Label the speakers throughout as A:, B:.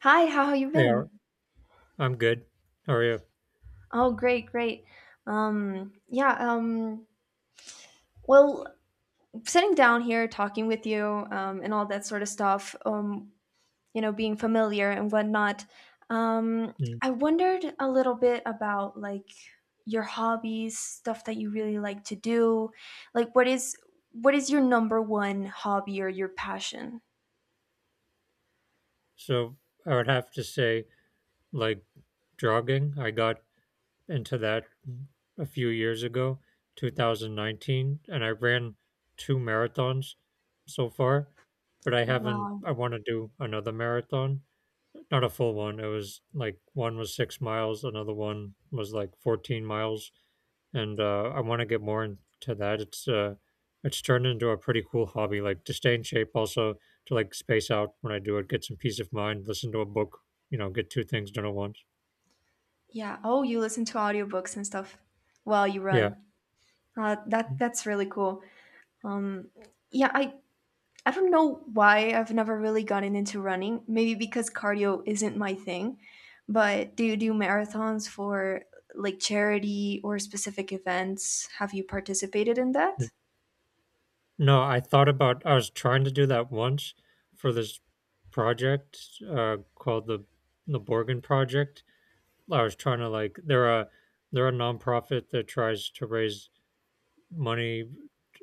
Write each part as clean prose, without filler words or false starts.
A: Hi, how have you
B: Hey, Ar-
A: been?
B: I'm good. How are you?
A: Oh, great, great. Um, yeah, um, well, sitting down here talking with you, and all that sort of stuff, being familiar and whatnot. Um,
B: Mm.
A: I wondered a little bit about like your hobbies, stuff that you really like to do. Like what is your number one hobby or your passion?
B: So I would have to say, like jogging, I got into that a few years ago, 2019, and I ran two marathons so far, but I haven't, I
A: Wow.
B: want to do another marathon, not a full one. It was like one was 6 miles, another one was like 14 miles. And I want to get more into that. It's turned into a pretty cool hobby. Like to stay in shape, also to like space out when I do it, get some peace of mind, listen to a book, get two things done at once.
A: Yeah. Oh, you listen to audiobooks and stuff while you
B: Yeah.
A: run. That's really cool. Um, yeah, I I don't know why I've never really gotten into running. Maybe because cardio isn't my thing. But do you do marathons for like charity or specific events? Have you participated in
B: N-
A: that?
B: No, I thought about. I was trying to do that once for this project called the Borgen Project. I was trying to like they're a nonprofit that tries to raise money.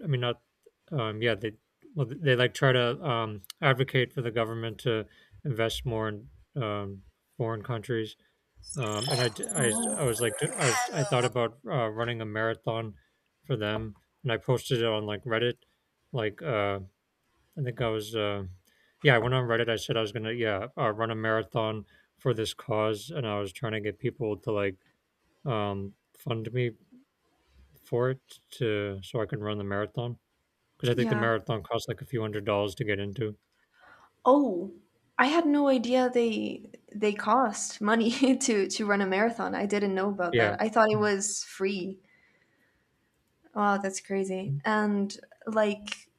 B: I mean not Yeah, they, they like try to advocate for the government to invest more in um foreign countries. Um and I d-
A: Oh,
B: I was like I, was, I thought about running a marathon for them, and I posted it on like Reddit. Like I think I was Yeah, I went on Reddit. I said I was gonna run a marathon for this cause, and I was trying to get people to like fund me for it to so I can run the marathon. 'Cause I think the
A: yeah.
B: marathon costs, like, a few a few hundred dollars to get into.
A: Oh, I had no idea they cost money to run a marathon. I didn't know about
B: Yeah.
A: that. I thought it
B: Mm,
A: was free. Wow, that's crazy.
B: mm.
A: And like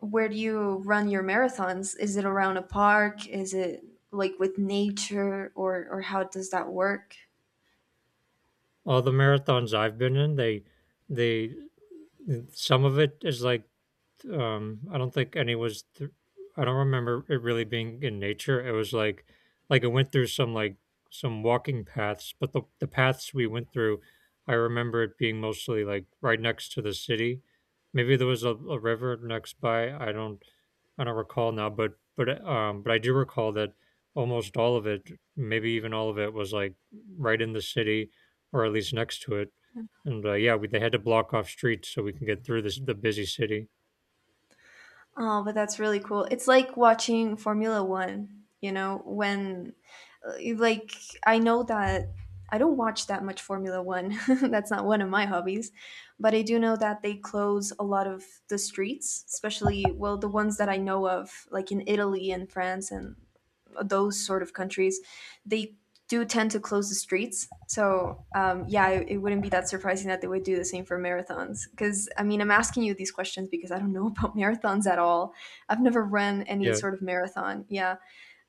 A: where do you run your marathons? Is it around a park? Is it like with nature or how does that work?
B: All the marathons I've been in, they some of it is, like, I don't think any was. I don't remember it really being in nature. It was like it went through some like some walking paths, but the paths we went through, I remember it being mostly like right next to the city. Maybe there was a river next by. I don't recall now, but but I do recall that almost all of it, maybe even all of it, was like right in the city, or at least next to it. And yeah, they had to block off streets so we can get through this the busy city.
A: Oh, but that's really cool. It's like watching Formula 1, you know, when like I know that I don't watch that much Formula 1. That's not one of my hobbies, but I do know that they close a lot of the streets, especially well the ones that I know of like in Italy and France and those sort of countries, they do tend to close the streets. So yeah, it wouldn't be that surprising that they would do the same for marathons. Because I mean, I'm asking you these questions because I don't know about marathons at all. I've never run any
B: Yeah.
A: sort of marathon. Yeah,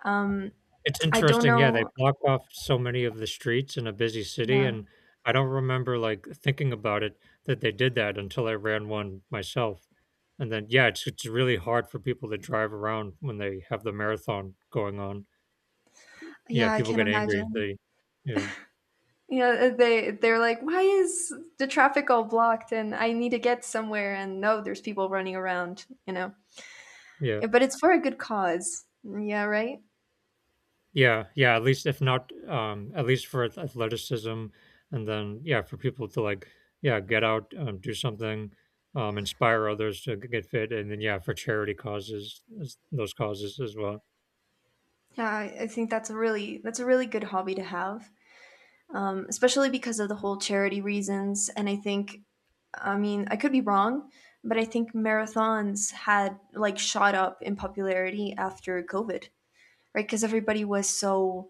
A: um,
B: It's
A: I don't
B: interesting, yeah, they
A: know.
B: block off so many of the streets in a busy city,
A: Yeah,
B: and I don't remember, like, thinking about it that they did that until I ran one myself, and then yeah, it's really hard for people to drive around when they have the marathon going on. Yeah,
A: yeah, I
B: people
A: can
B: get angry,
A: imagine.
B: they Yeah,
A: Yeah, they're like, why is the traffic all blocked? And I need to get somewhere, and no, there's people running around. You know,
B: yeah.
A: but it's for a good cause. Yeah, right.
B: Yeah, yeah, at least if not at least for athleticism, and then yeah, for people to like yeah, get out, do something, inspire others to get fit, and then yeah, for charity causes those causes as well.
A: Yeah, I think that's a really good hobby to have, especially because of the whole charity reasons. And I think, I mean, I could be wrong, but I think marathons had like shot up in popularity after COVID, right? Because everybody was so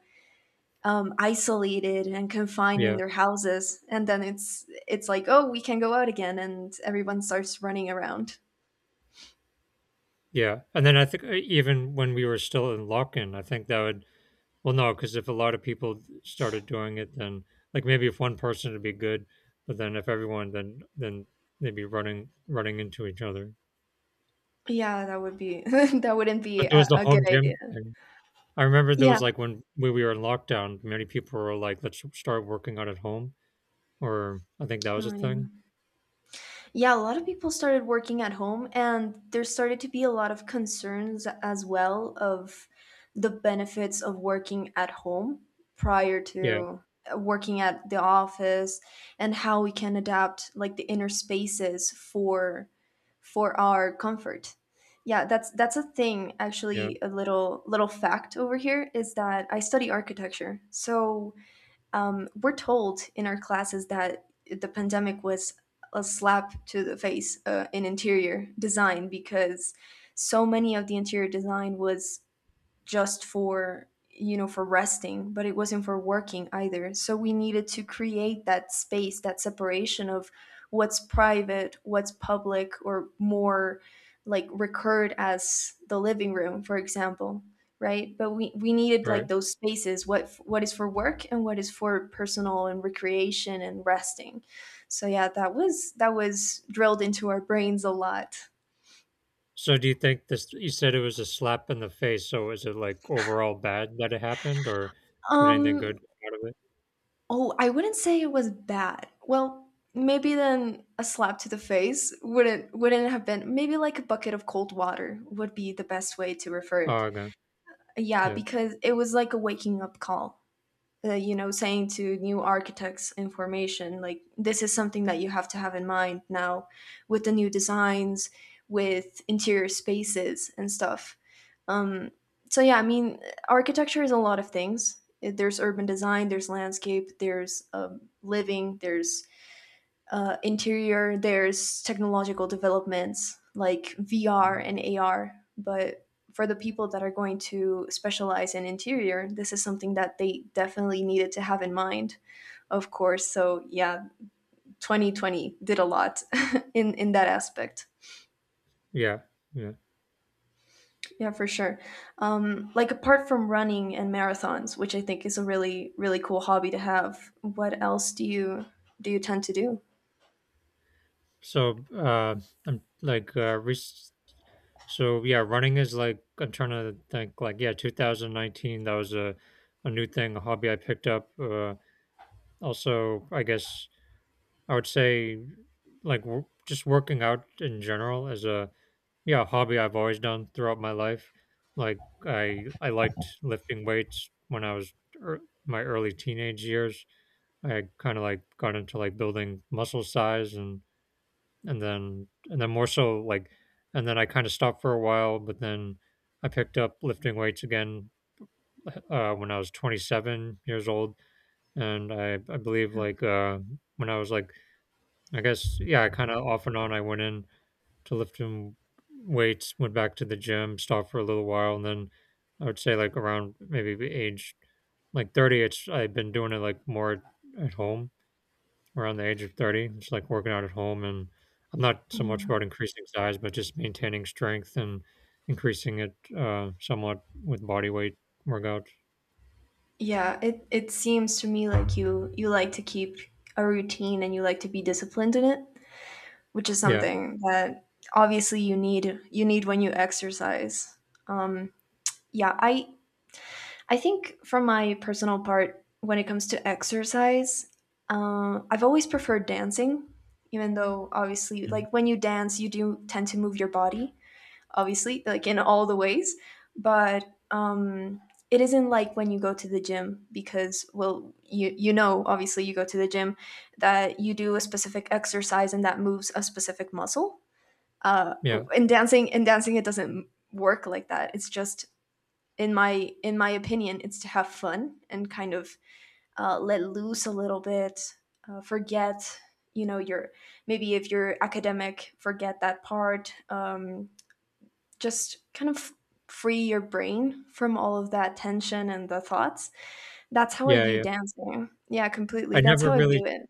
A: isolated and confined in
B: Yeah.
A: their houses, and then it's like, oh, we can go out again, and everyone starts running around.
B: Yeah. And then I think even when we were still in lock-in, I think that would no, cuz if a lot of people started doing it then like maybe if one person would be good, but then if everyone then they'd be running into each other.
A: Yeah, that would be that wouldn't be
B: But there was the
A: a good
B: home
A: idea.
B: gym thing. I remember there
A: Yeah.
B: was like when we were in lockdown, many people were like, "Let's start working out at home," or I think that was a
A: Oh yeah.
B: thing.
A: Yeah, a lot of people started working at home, and there started to be a lot of concerns as well of the benefits of working at home prior
B: Yeah,
A: to working at the office and how we can adapt like the inner spaces for our comfort. Yeah, that's a thing.
B: yeah,
A: Actually, a little fact over here is that I study architecture. So we're told in our classes that the pandemic was a slap to the face in interior design, because so many of the interior design was just for, you know, for resting, but it wasn't for working either. So we needed to create that space, that separation of what's private, what's public, or more like recurred as the living room, for example, right? But we needed
B: right.
A: like those spaces, what is for work and what is for personal and recreation and resting. So yeah, that was drilled into our brains a lot.
B: So, do you think this? You said it was a slap in the face. So, is it like overall bad that it happened, or did anything good
A: um
B: come out of it?
A: Oh, I wouldn't say it was bad. Well, maybe then a slap to the face wouldn't have been, maybe like a bucket of cold water would be the best way to refer
B: Oh,
A: it.
B: okay.
A: Yeah,
B: Yeah,
A: because it was like a waking up call, you know, saying to new architects in formation, like, this is something that you have to have in mind now, with the new designs, with interior spaces and stuff. um, so yeah, I mean, architecture is a lot of things. There's urban design, there's landscape, there's living, there's interior, there's technological developments like VR and AR. But for the people that are going to specialize in interior, this is something that they definitely needed to have in mind, of course. So yeah, 2020 did a lot in that aspect.
B: yeah, yeah.
A: Yeah, for sure. Like apart from running and marathons, which I think is a really cool hobby to have, what else do you tend to do?
B: So, I'm like, yeah, running is like I'm trying to think like yeah, 2019. That was a new thing, a hobby I picked up. Also, I guess I would say like just working out in general as a yeah hobby I've always done throughout my life. Like I liked lifting weights when I was ear my early teenage years. I kind of like got into like building muscle size and and then more so like and then I kind of stopped for a while, but then I picked up lifting weights again when I was 27 years old, and I believe like when I was like I guess, yeah, I kind of off and on. I went in to lifting weights, went back to the gym, stopped for a little while, and then I would say like around maybe the age like 30, it's I've been doing it like more at home around the age of 30. It's like working out at home, and I'm not so much about increasing size, but just maintaining strength and increasing it somewhat with body weight workouts.
A: Yeah, it seems to me like you like to keep a routine and you like to be disciplined in it, which is
B: Yeah,
A: something that obviously you need when you exercise. Um yeah, I think, from my personal part, when it comes to exercise, I've always preferred dancing. Even though obviously,
B: mhm,
A: like, when you dance you do tend to move your body, obviously, like, in all the ways, but um, it isn't like when you go to the gym, because, well, you know, obviously, you go to the gym that you do a specific exercise and that moves a specific muscle. Uh,
B: yeah,
A: in dancing, it doesn't work like that. It's just, in my opinion, it's to have fun and kind of let loose a little bit, forget, your, maybe if you're academic, forget that part. Just kind of free your brain from all of that tension and the thoughts. That's how I
B: yeah,
A: view
B: yeah.
A: dancing. Yeah,
B: I
A: completely. That's
B: never
A: how I
B: really
A: view it.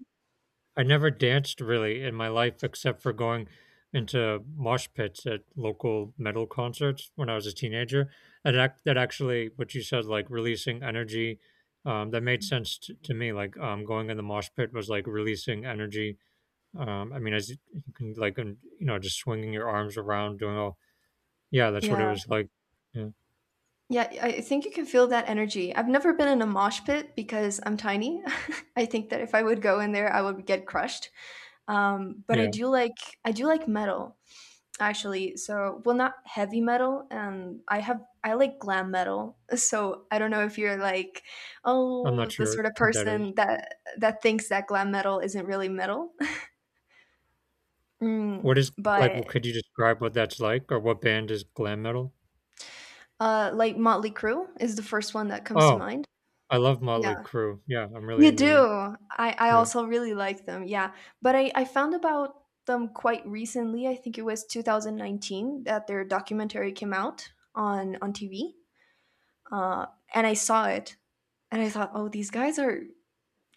B: I never danced really in my life except for going into mosh pits at local metal concerts when I was a teenager. And that actually, what you said, like releasing energy, that made sense to me. Like going in the mosh pit was like releasing energy. I mean, as you can just swinging your arms around, doing all, yeah, that's what it
A: Yeah.
B: was like. Yeah.
A: Yeah, I think you can feel that energy. I've never been in a mosh pit because I'm tiny. I think that if I would go in there, I would get crushed. But I
B: Yeah.
A: do like, metal. Actually, so well, not heavy metal, and I like glam metal. So I don't know if you're like,
B: I'm
A: oh,
B: not
A: the
B: sure
A: sort of
B: what that is.
A: person that thinks that glam metal isn't really metal. Mm,
B: What is like, what
A: but
B: could you describe what that's like or what band is glam metal?
A: like Motley Crue is the first one that comes to
B: Oh,
A: mind.
B: I love Mötley
A: Yeah,
B: Crüe. Yeah, I'm really
A: you
B: into them.
A: do. I
B: Yeah.
A: also really like them. Yeah, but I found about them quite recently. I think it was 2019 that their documentary came out on TV. Uh, and I saw it. And I thought, oh, these guys are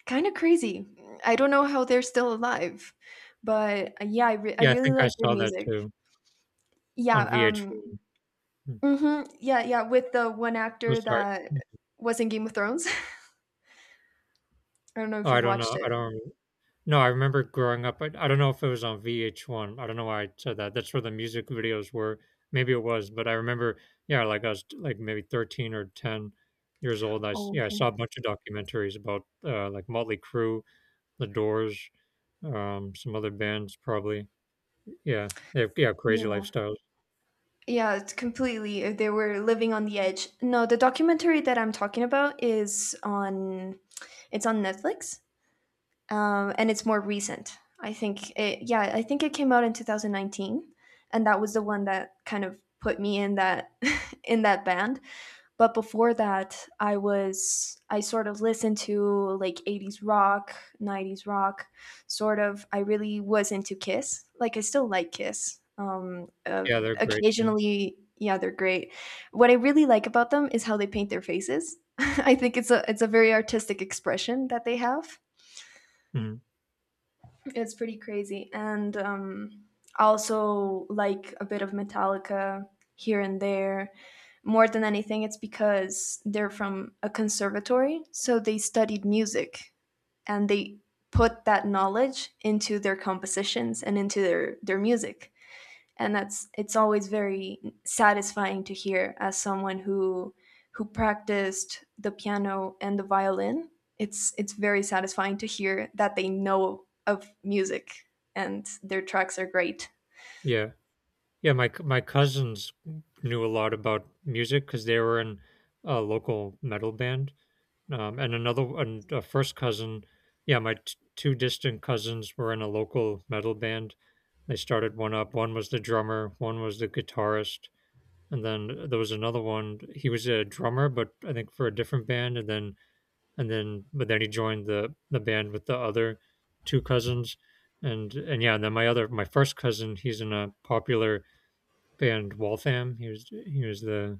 A: kind of crazy. I don't know how they're still alive, but I
B: Yeah, I
A: really
B: think I
A: like their
B: saw that
A: music.
B: too
A: Yeah,
B: on
A: um,
B: VH1. Mm.
A: yeah, yeah, with the one
B: I'm
A: actor
B: sorry.
A: that
B: Mm.
A: was in Game of Thrones. I don't know
B: Oh,
A: if
B: I
A: you
B: don't
A: watched
B: know. I
A: it.
B: don't remem No, I remember growing up, I don't know if it was on VH1. I don't know why I said that. That's where the music videos were. Maybe it was, but I remember, yeah, like, I was, like, maybe 13 or 10 years old. I s
A: Oh,
B: Yeah, I saw a
A: okay.
B: bunch of documentaries about, like, Mötley Crüe, The Doors, some other bands probably. Yeah. They have yeah, crazy
A: Yeah.
B: lifestyles.
A: Yeah, it's completely. They were living on the edge. No, the documentary that I'm talking about is it's on Netflix. And it's more recent. Yeah, I think it came out in 2019, and that was the one that kind of put me in that in that band. But before that, I sort of listened to like 80s rock, 90s rock, sort of. I really was into Kiss. Like, I still like Kiss.
B: Yeah, they're great. Yeah.
A: Occasionally, yeah, they're great. What I really like about them is how they paint their faces. I think it's a very artistic expression that they have.
B: Mhm.
A: It's pretty crazy. And also like a bit of Metallica here and there. More than anything, it's because they're from a conservatory, so they studied music, and they put that knowledge into their compositions and into their music. And that's, it's always very satisfying to hear, as someone who practiced the piano and the violin, it's very satisfying to hear that they know of music, and their tracks are great.
B: Yeah. Yeah, my cousins knew a lot about music because they were in a local metal band. And another and A first cousin, yeah, two distant cousins were in a local metal band. They started one up. One was the drummer, one was the guitarist, and then there was another one. He was a drummer, but I think for a different band. And then but Then he joined the band with the other two cousins. And Yeah, and then my first cousin, he's in a popular band, Waltham. He was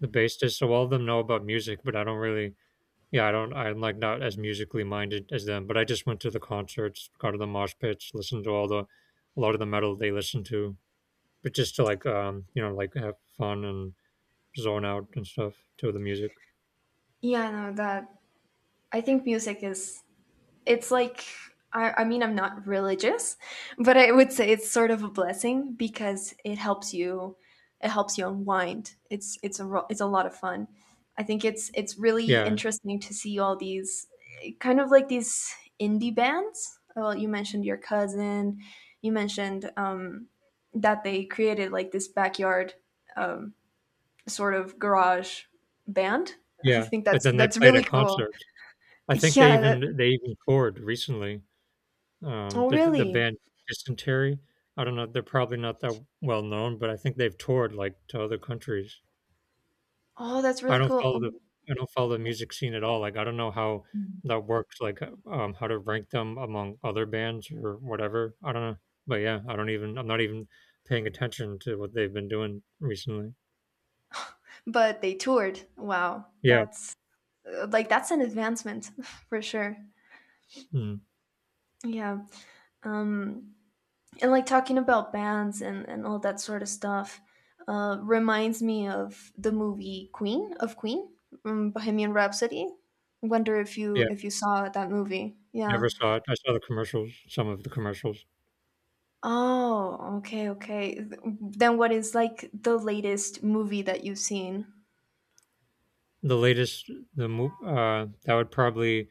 B: the bassist. So all of them know about music, but I don't really. Yeah, I don't. I'm like not as musically minded as them. But I just went to the concerts, got to the mosh pits, listened to all the a lot of the metal they listen to, but just to like you know like have fun and zone out and stuff to the music.
A: Yeah no that i think music is, it's like, I mean, I'm not religious, but I would say it's sort of a blessing, because it helps you, it helps you unwind. It's a lot of fun. I think it's really
B: Yeah,
A: interesting to see all these, kind of like these indie bands. Well, you mentioned your cousin, you mentioned that they created like this backyard, um sort of garage band. I
B: yeah.
A: think
B: But
A: that's
B: then they played
A: really
B: at
A: cool.
B: concerts. I think
A: yeah that,
B: they even toured recently.
A: oh
B: The
A: really.
B: band Dysentery, I don't know, they're probably not that well known, but I think they've toured, like, to other countries.
A: Oh, that's
B: I
A: really
B: don't
A: cool.
B: follow
A: Oh,
B: the I don't follow the music scene at all, like, I don't know how that works, like, how to rank them among other bands or whatever, I don't know. But, yeah, I'm not even paying attention to what they've been doing recently.
A: but they toured. Wow.
B: Yeah,
A: That's like that's an advancement for sure.
B: mhm,
A: Yeah. Um and like talking about bands and all that sort of stuff, reminds me of the movie Queen, Bohemian Rhapsody. Wonder if
B: yeah,
A: you, saw that movie. Yeah.
B: never saw it. I saw the commercials, some of the commercials.
A: Oh, okay, Then what is like the latest movie that you've seen?
B: The latest the mo That would probably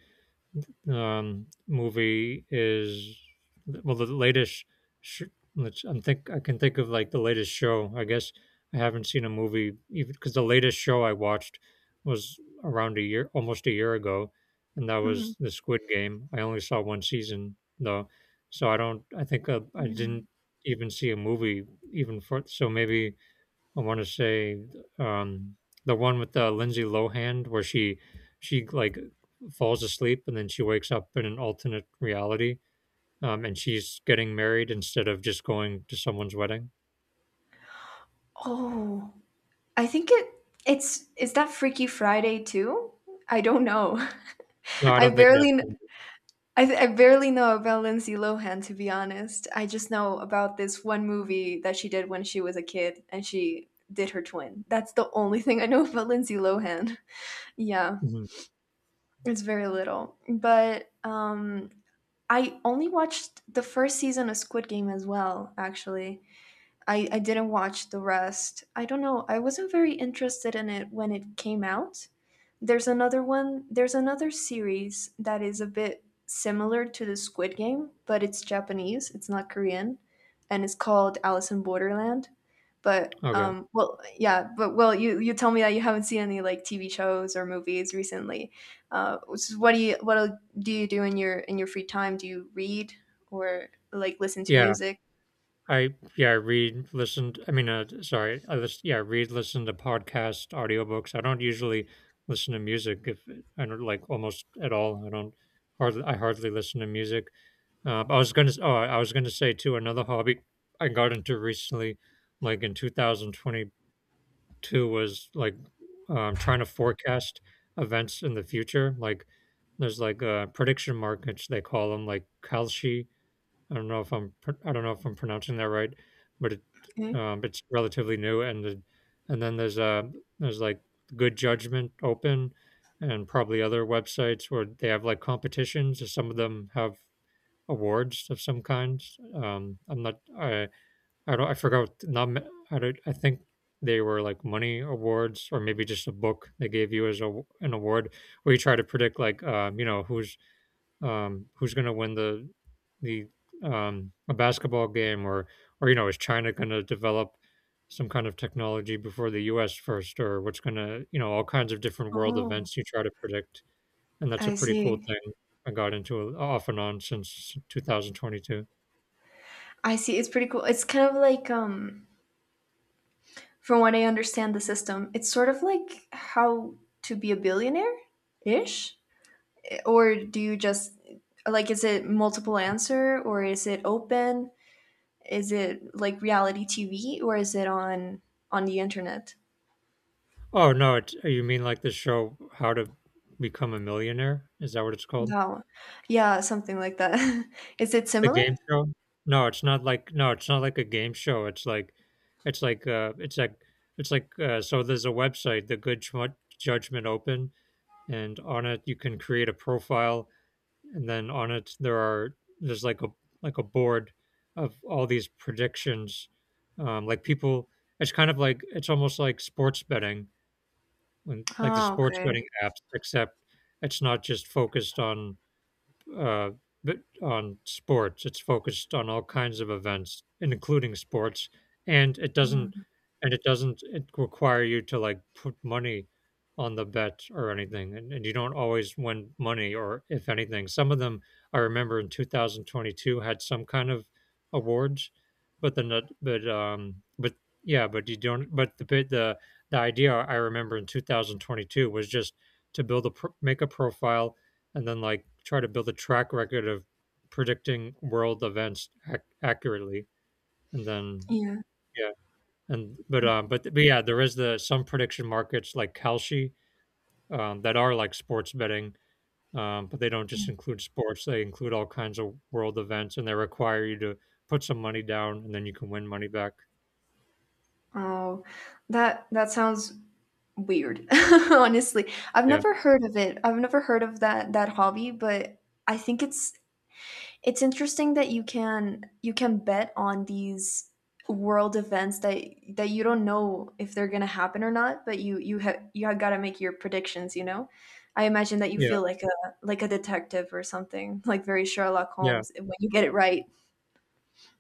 B: movie is the latest. Sh- let's I'm think I can think of like the latest show. I guess I haven't seen a movie even because the latest show I watched was around a year, almost a year ago, and that
A: hmm
B: was the Squid Game. I only saw one season though, so I don't. I think I didn't even see a movie even for so maybe I want to say um, the one with Lindsay Lohan, where she like falls asleep and then she wakes up in an alternate reality, and she's getting married instead of just going to someone's wedding.
A: Oh. I think it it's, is that Freaky Friday too? I don't know.
B: No, I
A: I
B: don't think that's
A: barely
B: the
A: kn- I, th- I barely know about Lindsay Lohan, to be honest. I just know about this one movie that she did when she was a kid and she did her twin. That's the only thing I know about Lindsay Lohan. Yeah,
B: Mhm.
A: it's very little. But I only watched the first season of Squid Game as well, actually. I didn't watch the rest. I don't know. I wasn't very interested in it when it came out. There's another series that is a bit similar to the Squid Game, but it's Japanese, it's not Korean, and it's called Alice in Borderland. But
B: okay.
A: um well yeah, but well you tell me that you haven't seen any like TV shows or movies recently. So what do you do in your free time? Do you read or like listen to
B: Yeah,
A: music?
B: I yeah, I listen, yeah, I read, listen to podcasts, audiobooks. I don't usually listen to music if I don't like almost at all. I don't hardly I hardly listen to music. I was gonna say too another hobby I got into recently, like in 2022, was like trying to forecast events in the future. Like there's prediction markets they call them, like Kalshi. I don't know if I'm pronouncing that right, but
A: Okay.
B: it's relatively new. And then there's Good Judgment Open, and probably other websites where they have like competitions. And Some of them have awards of some kinds. I'm not I I don't I forgot not ma- I don't, I think they were like money awards, or maybe just a book they gave you as an award, where you try to predict like you know, who's going to win the a basketball game, or you know, is China going to develop some kind of technology before the U.S. first, or what's going to, you know, all kinds of different world
A: Oh,
B: events you try to predict, and that's a
A: I
B: pretty cool
A: see.
B: thing I got into off and on since 2022.
A: I see. It's pretty cool. It's kind of like from what I understand the system, it's sort of like how to be a billionaire ish? Or do you just, like, is it multiple answer or is it open? Is it like reality TV or is it on the internet?
B: Oh no, it, you mean like the show How to Become a Millionaire? Is that what it's called?
A: No. Yeah, something like that. Is it
B: The
A: similar?
B: game show? No, it's not like a game show. It's like it's like it's like it's like so there's a website, the Good Judgment Open, and on it you can create a profile, and then on it there's like a board of all these predictions. Like people, it's kind of like, it's almost like sports betting, when like the
A: Oh,
B: sports
A: okay.
B: betting apps, except it's not just focused on uh, but on sports. It's focused on all kinds of events, and including sports, and it doesn't and it doesn't it require you to like put money on the bet or anything, and you don't always win money or if anything. Some of them I remember in 2022 had some kind of awards, but then the but yeah, but you don't but the bit the idea I remember in 2022 was just to make a profile and then like try to build a track record of predicting world events accurately, and then
A: Yeah.
B: yeah. But yeah, there is the some prediction markets like Kalshi, that are like sports betting, but they don't just include sports, they include all kinds of world events, and they require you to put some money down, and then you can win money back.
A: Oh, that that sounds weird. Honestly, I've
B: Yeah
A: never heard of it. I've never heard of that hobby, but I think it's interesting that you can bet on these world events that you don't know if they're gonna happen or not, but you have, you have gotta make your predictions. You know, I imagine that you
B: yeah.
A: feel like a detective or something, like very Sherlock
B: Yeah.
A: Holmes, eh, when you get it right.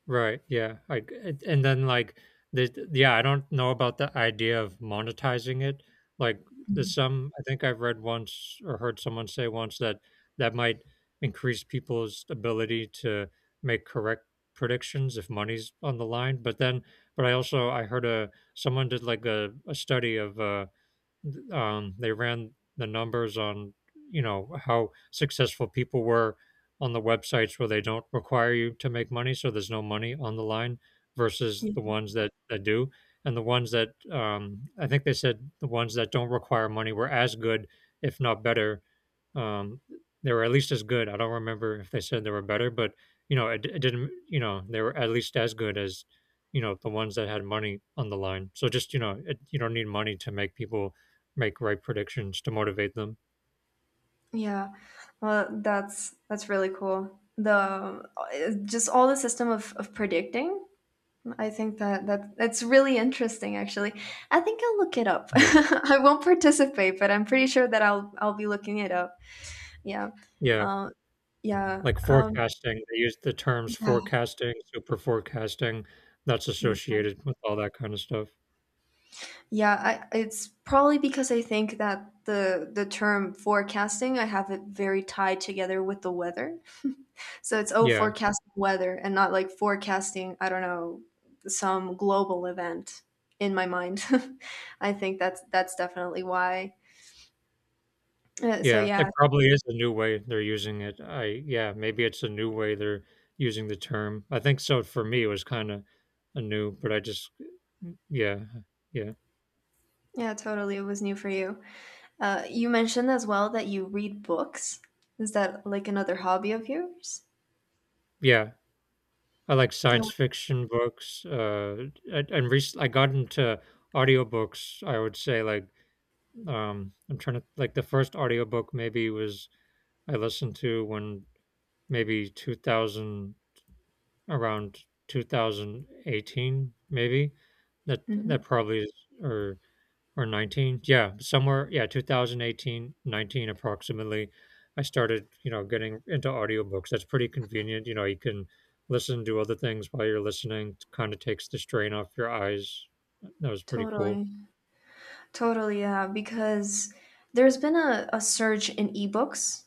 B: Right. Yeah. Like, it- and then like the Yeah, I don't know about the idea of monetizing it. Like, there's
A: Mm.
B: some, I think I've read once or heard someone say once, that that might increase people's ability to make correct predictions if money's on the line. But I also I heard a someone did like a study of they ran the numbers on, you know, how successful people were on the websites where they don't require you to make money, so there's no money on the line, versus the ones that do. And the ones that, I think they said the ones that don't require money were as good if not better. um, they were at least as good. I don't remember if they said they were better, but you know, it didn't, you know, they were at least as good as, you know, the ones that had money on the line. So just, you know, you don't need money to make people make right predictions, to motivate them.
A: Yeah, well, that's really cool. The just all the system of predicting, I think that's really interesting actually. I think I'll look it up.
B: Yeah.
A: I won't participate, but I'm pretty sure that I'll be looking it up. Yeah.
B: Yeah,
A: Um yeah.
B: like
A: Um
B: forecasting, they use the terms
A: yeah.
B: forecasting, super forecasting, that's
A: mm.
B: associated with all that kind of stuff.
A: Yeah, I, it's probably because I think that the term forecasting, I have it very tied together with the weather. So it's, oh,
B: Yeah,
A: forecasting weather and not like forecasting, I don't know, some global event in my mind. I think that's definitely why. Uh, so
B: yeah, it
A: yeah,
B: probably is a new way they're using it. I Yeah, maybe it's a new way they're using the term. I think so. For me, it was kinda a new, but I just yeah, yeah,
A: Yeah, totally. It was new for you. You mentioned as well that you read books. Is that like another hobby of yours?
B: yeah. I like
A: Yeah.
B: science fiction books, and rec I got into audiobooks, I would say, like, I'm trying to, like, the first audiobook maybe was I listened to when maybe 2000, around 2018 maybe, that that
A: Hmm.
B: probably is, or or 19, yeah, somewhere, yeah, 2018, 19, approximately, I started, you know, getting into audiobooks. That's pretty convenient, you know, you can listen to other things while you're listening, it kind of takes the strain off your eyes. That was pretty cool.
A: Totally. Totally, yeah, because there's been a surge in ebooks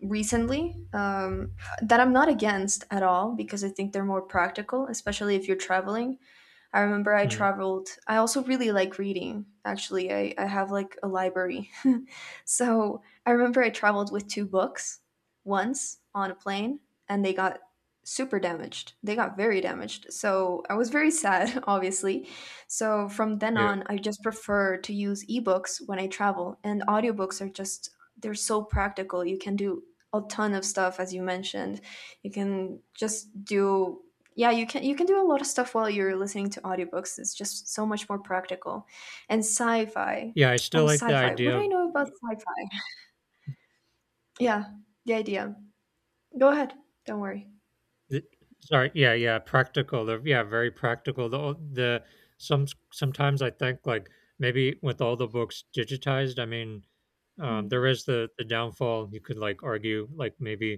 A: recently, that I'm not against at all because I think they're more practical, especially if you're traveling. I remember I
B: Mm,
A: traveled. I also really like reading, actually. I have like a library. So I remember I traveled with two books once on a plane and they got super damaged. They got very damaged. So I was very sad, obviously. So from then
B: yeah.
A: on, I just prefer to use ebooks when I travel. And audiobooks are just, they're so practical. You can do a ton of stuff, as you mentioned. You can just do, yeah, you can do a lot of stuff while you're listening to audiobooks. It's just so much more practical. And sci-fi,
B: yeah I
A: oh
B: still like the
A: sci-fi, what
B: idea
A: do I
B: of
A: know about sci-fi? Yeah, the idea, go ahead, don't worry.
B: Th Sorry, yeah, yeah, practical, they're yeah, very practical. The some Sometimes I think, like, maybe with all the books digitized, I mean,
A: Hmm.
B: there is the downfall, you could, like, argue, like, maybe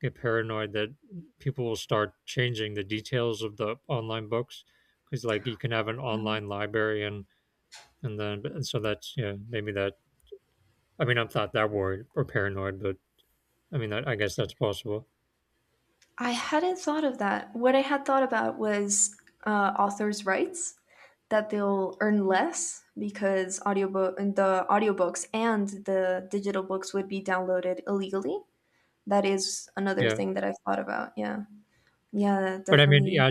B: get paranoid that people will start changing the details of the online books, because like, you can have an online library, and so that's, yeah, maybe that, I mean, I'm not that worried or paranoid, but I mean, that I guess that's possible.
A: I hadn't thought of that. What I had thought about was, authors' rights, that they'll earn less because audiobooks and the digital books would be downloaded illegally. That is another
B: Yeah.
A: thing that I've thought about. Yeah, yeah, that
B: But I mean,
A: definitely.
B: yeah,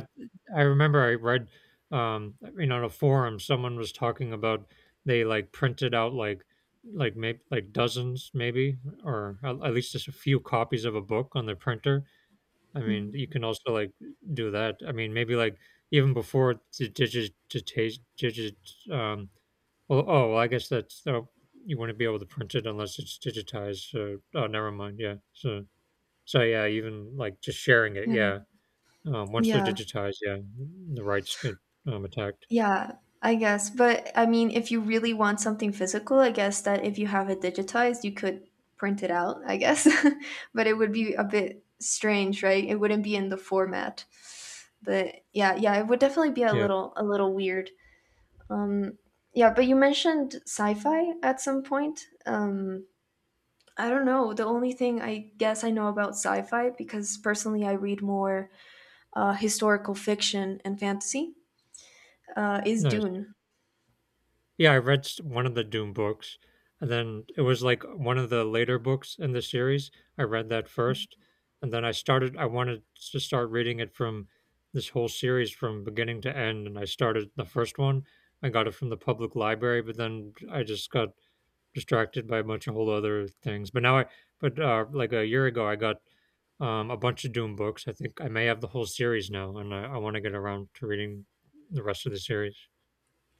B: I remember I read, I mean, on a forum, someone was talking about they like printed out like maybe like dozens, maybe, or at least just a few copies of a book on the printer. I mean,
A: Mm.
B: you can also like do that. I mean, maybe like even before the digit, digit, digit, um, well, oh, well, I guess that's, oh, you wouldn't be able to print it unless it's digitized. So, oh, never mind. Yeah. So, so yeah, even like just sharing it.
A: Yeah,
B: Yeah. Once they're
A: yeah.
B: digitized, yeah, the rights get, attacked.
A: Yeah, I guess. But I mean, if you really want something physical, I guess that if you have it digitized, you could print it out, I guess. But it would be a bit strange, right? It wouldn't be in the format. But yeah, yeah, it would definitely be
B: Yeah,
A: a little weird. Um yeah, but you mentioned sci-fi at some point. I don't know. The only thing I guess I know about sci-fi, because personally I read more historical fiction and fantasy, is
B: nice.
A: Dune.
B: One of the Doom books, and then it was like one of the later books in the series. I read that first, and then I started. I wanted to start reading it from this whole series from beginning to end, and I started the first one. I got it from the public library, but then I just got distracted by a bunch of whole other things. But like a year ago, I got a bunch of Doom books. I think I may have the whole series now, and I want to get around to reading the rest of the series.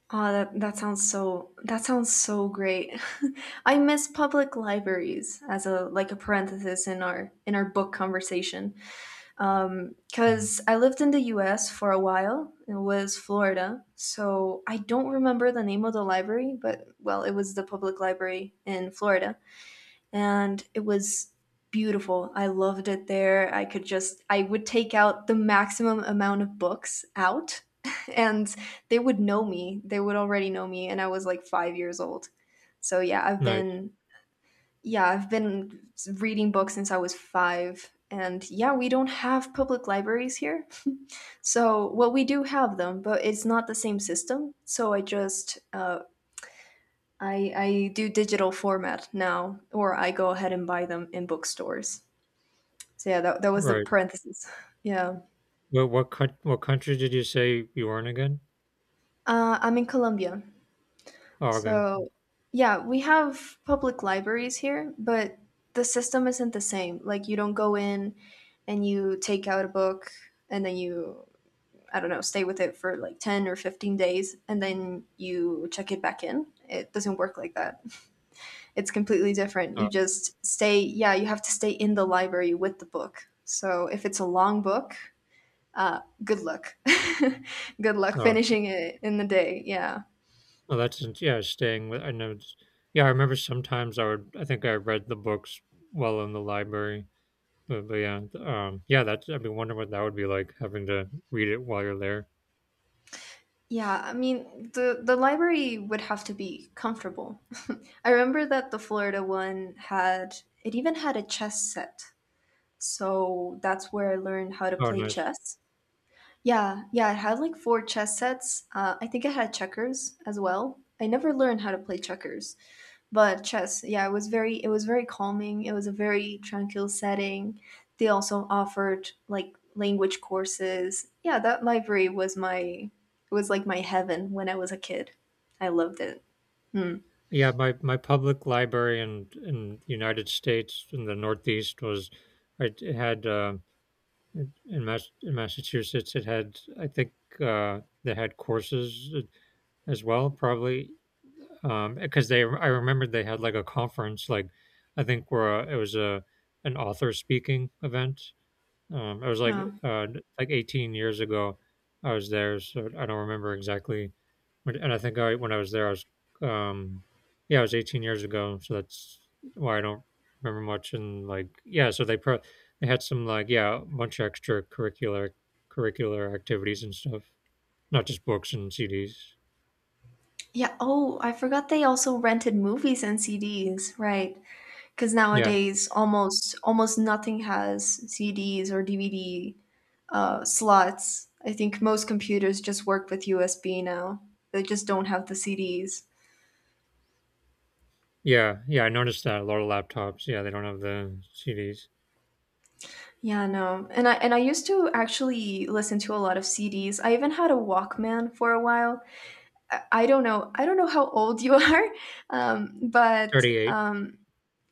A: Oh, that, that sounds so, that sounds so great. I miss public libraries, as a like a parenthesis in our book conversation.
B: Mm.
A: Because I lived in the US for a while. It was Florida. So I don't remember the name of the library, but well, it was the public library in Florida and it was beautiful. I loved it there. I could just, I would take out the maximum amount of books out and they would know me. They would already know me and I was like 5 years old. So yeah,
B: Nice,
A: I've been reading books since I was 5. And yeah, we don't have public libraries here. So, well, we do have them, but it's not the same system. So I just, I do digital format now, or I go ahead and buy them in bookstores. So yeah, that, was the
B: right?
A: parenthesis. Yeah.
B: What country did you say you were in again?
A: I'm in Colombia.
B: Oh, okay.
A: So yeah, we have public libraries here, but the system isn't the same. Like you don't go in and you take out a book and then you, I don't know, stay with it for like 10 or 15 days and then you check it back in. It doesn't work like that. It's completely different.
B: Oh,
A: You just stay, yeah, you have to stay in the library with the book. So if it's a long book, good luck, good luck
B: oh,
A: finishing it in the day. Yeah,
B: yeah. Staying with I know. It's, yeah, I remember sometimes I would. I think I read the books while in the library. But yeah, yeah. That's I've been wondering what that would be like, having to read it while you're there.
A: yeah, I mean, the library would have to be comfortable. I remember that the Florida one had, it even had a chess set, so that's where I learned how to
B: Oh,
A: play
B: nice.
A: chess. Yeah, yeah, it had like four chess sets. I think it had checkers as well. I never learned how to play checkers. But chess, yeah, it was very, it was very calming. It was a very tranquil setting. They also offered like language courses. Yeah, that library was my, it was like my heaven when I was a kid. I loved it. Hmm.
B: Yeah, my public library in the United States, in the Northeast, was it it had in Massachusetts, it had, I think, they had courses as well probably, because they, I remembered they had like a conference, like I think where, it was a an author speaking event, I was
A: Yeah.
B: uh, like 18 years ago. I was there, so I don't remember exactly. And I think I when I was there, I was um, yeah, I was 18 years ago, so that's why I don't remember much. And like yeah, so they had some like, yeah, a bunch of extracurricular curricular activities and stuff, not just books and CDs.
A: Yeah. Oh, I forgot they also rented movies and CDs, right? Because
B: Yeah,
A: nowadays almost nothing has CDs or DVD, slots. I think most computers just work with USB now. They just don't have the CDs.
B: yeah, yeah. I noticed that a lot of laptops, yeah, they don't have the CDs.
A: Yeah, no. And I, used to actually listen to a lot of CDs. I even had a Walkman for a while. I don't know. I don't know how old you are, but
B: 38.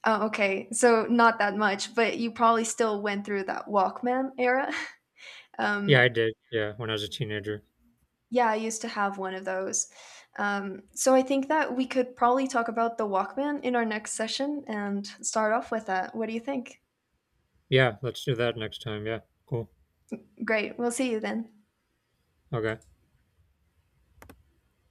A: oh, okay, so not that much. But you probably still went through that Walkman era.
B: Yeah, I
A: Um,
B: did. Yeah, when I was a teenager.
A: yeah, I used to have one of those. So I think that we could probably talk about the Walkman in our next session and start off with that. What do you think?
B: Yeah, let's do that next time. Yeah, cool.
A: Great. We'll see you then.
B: Okay.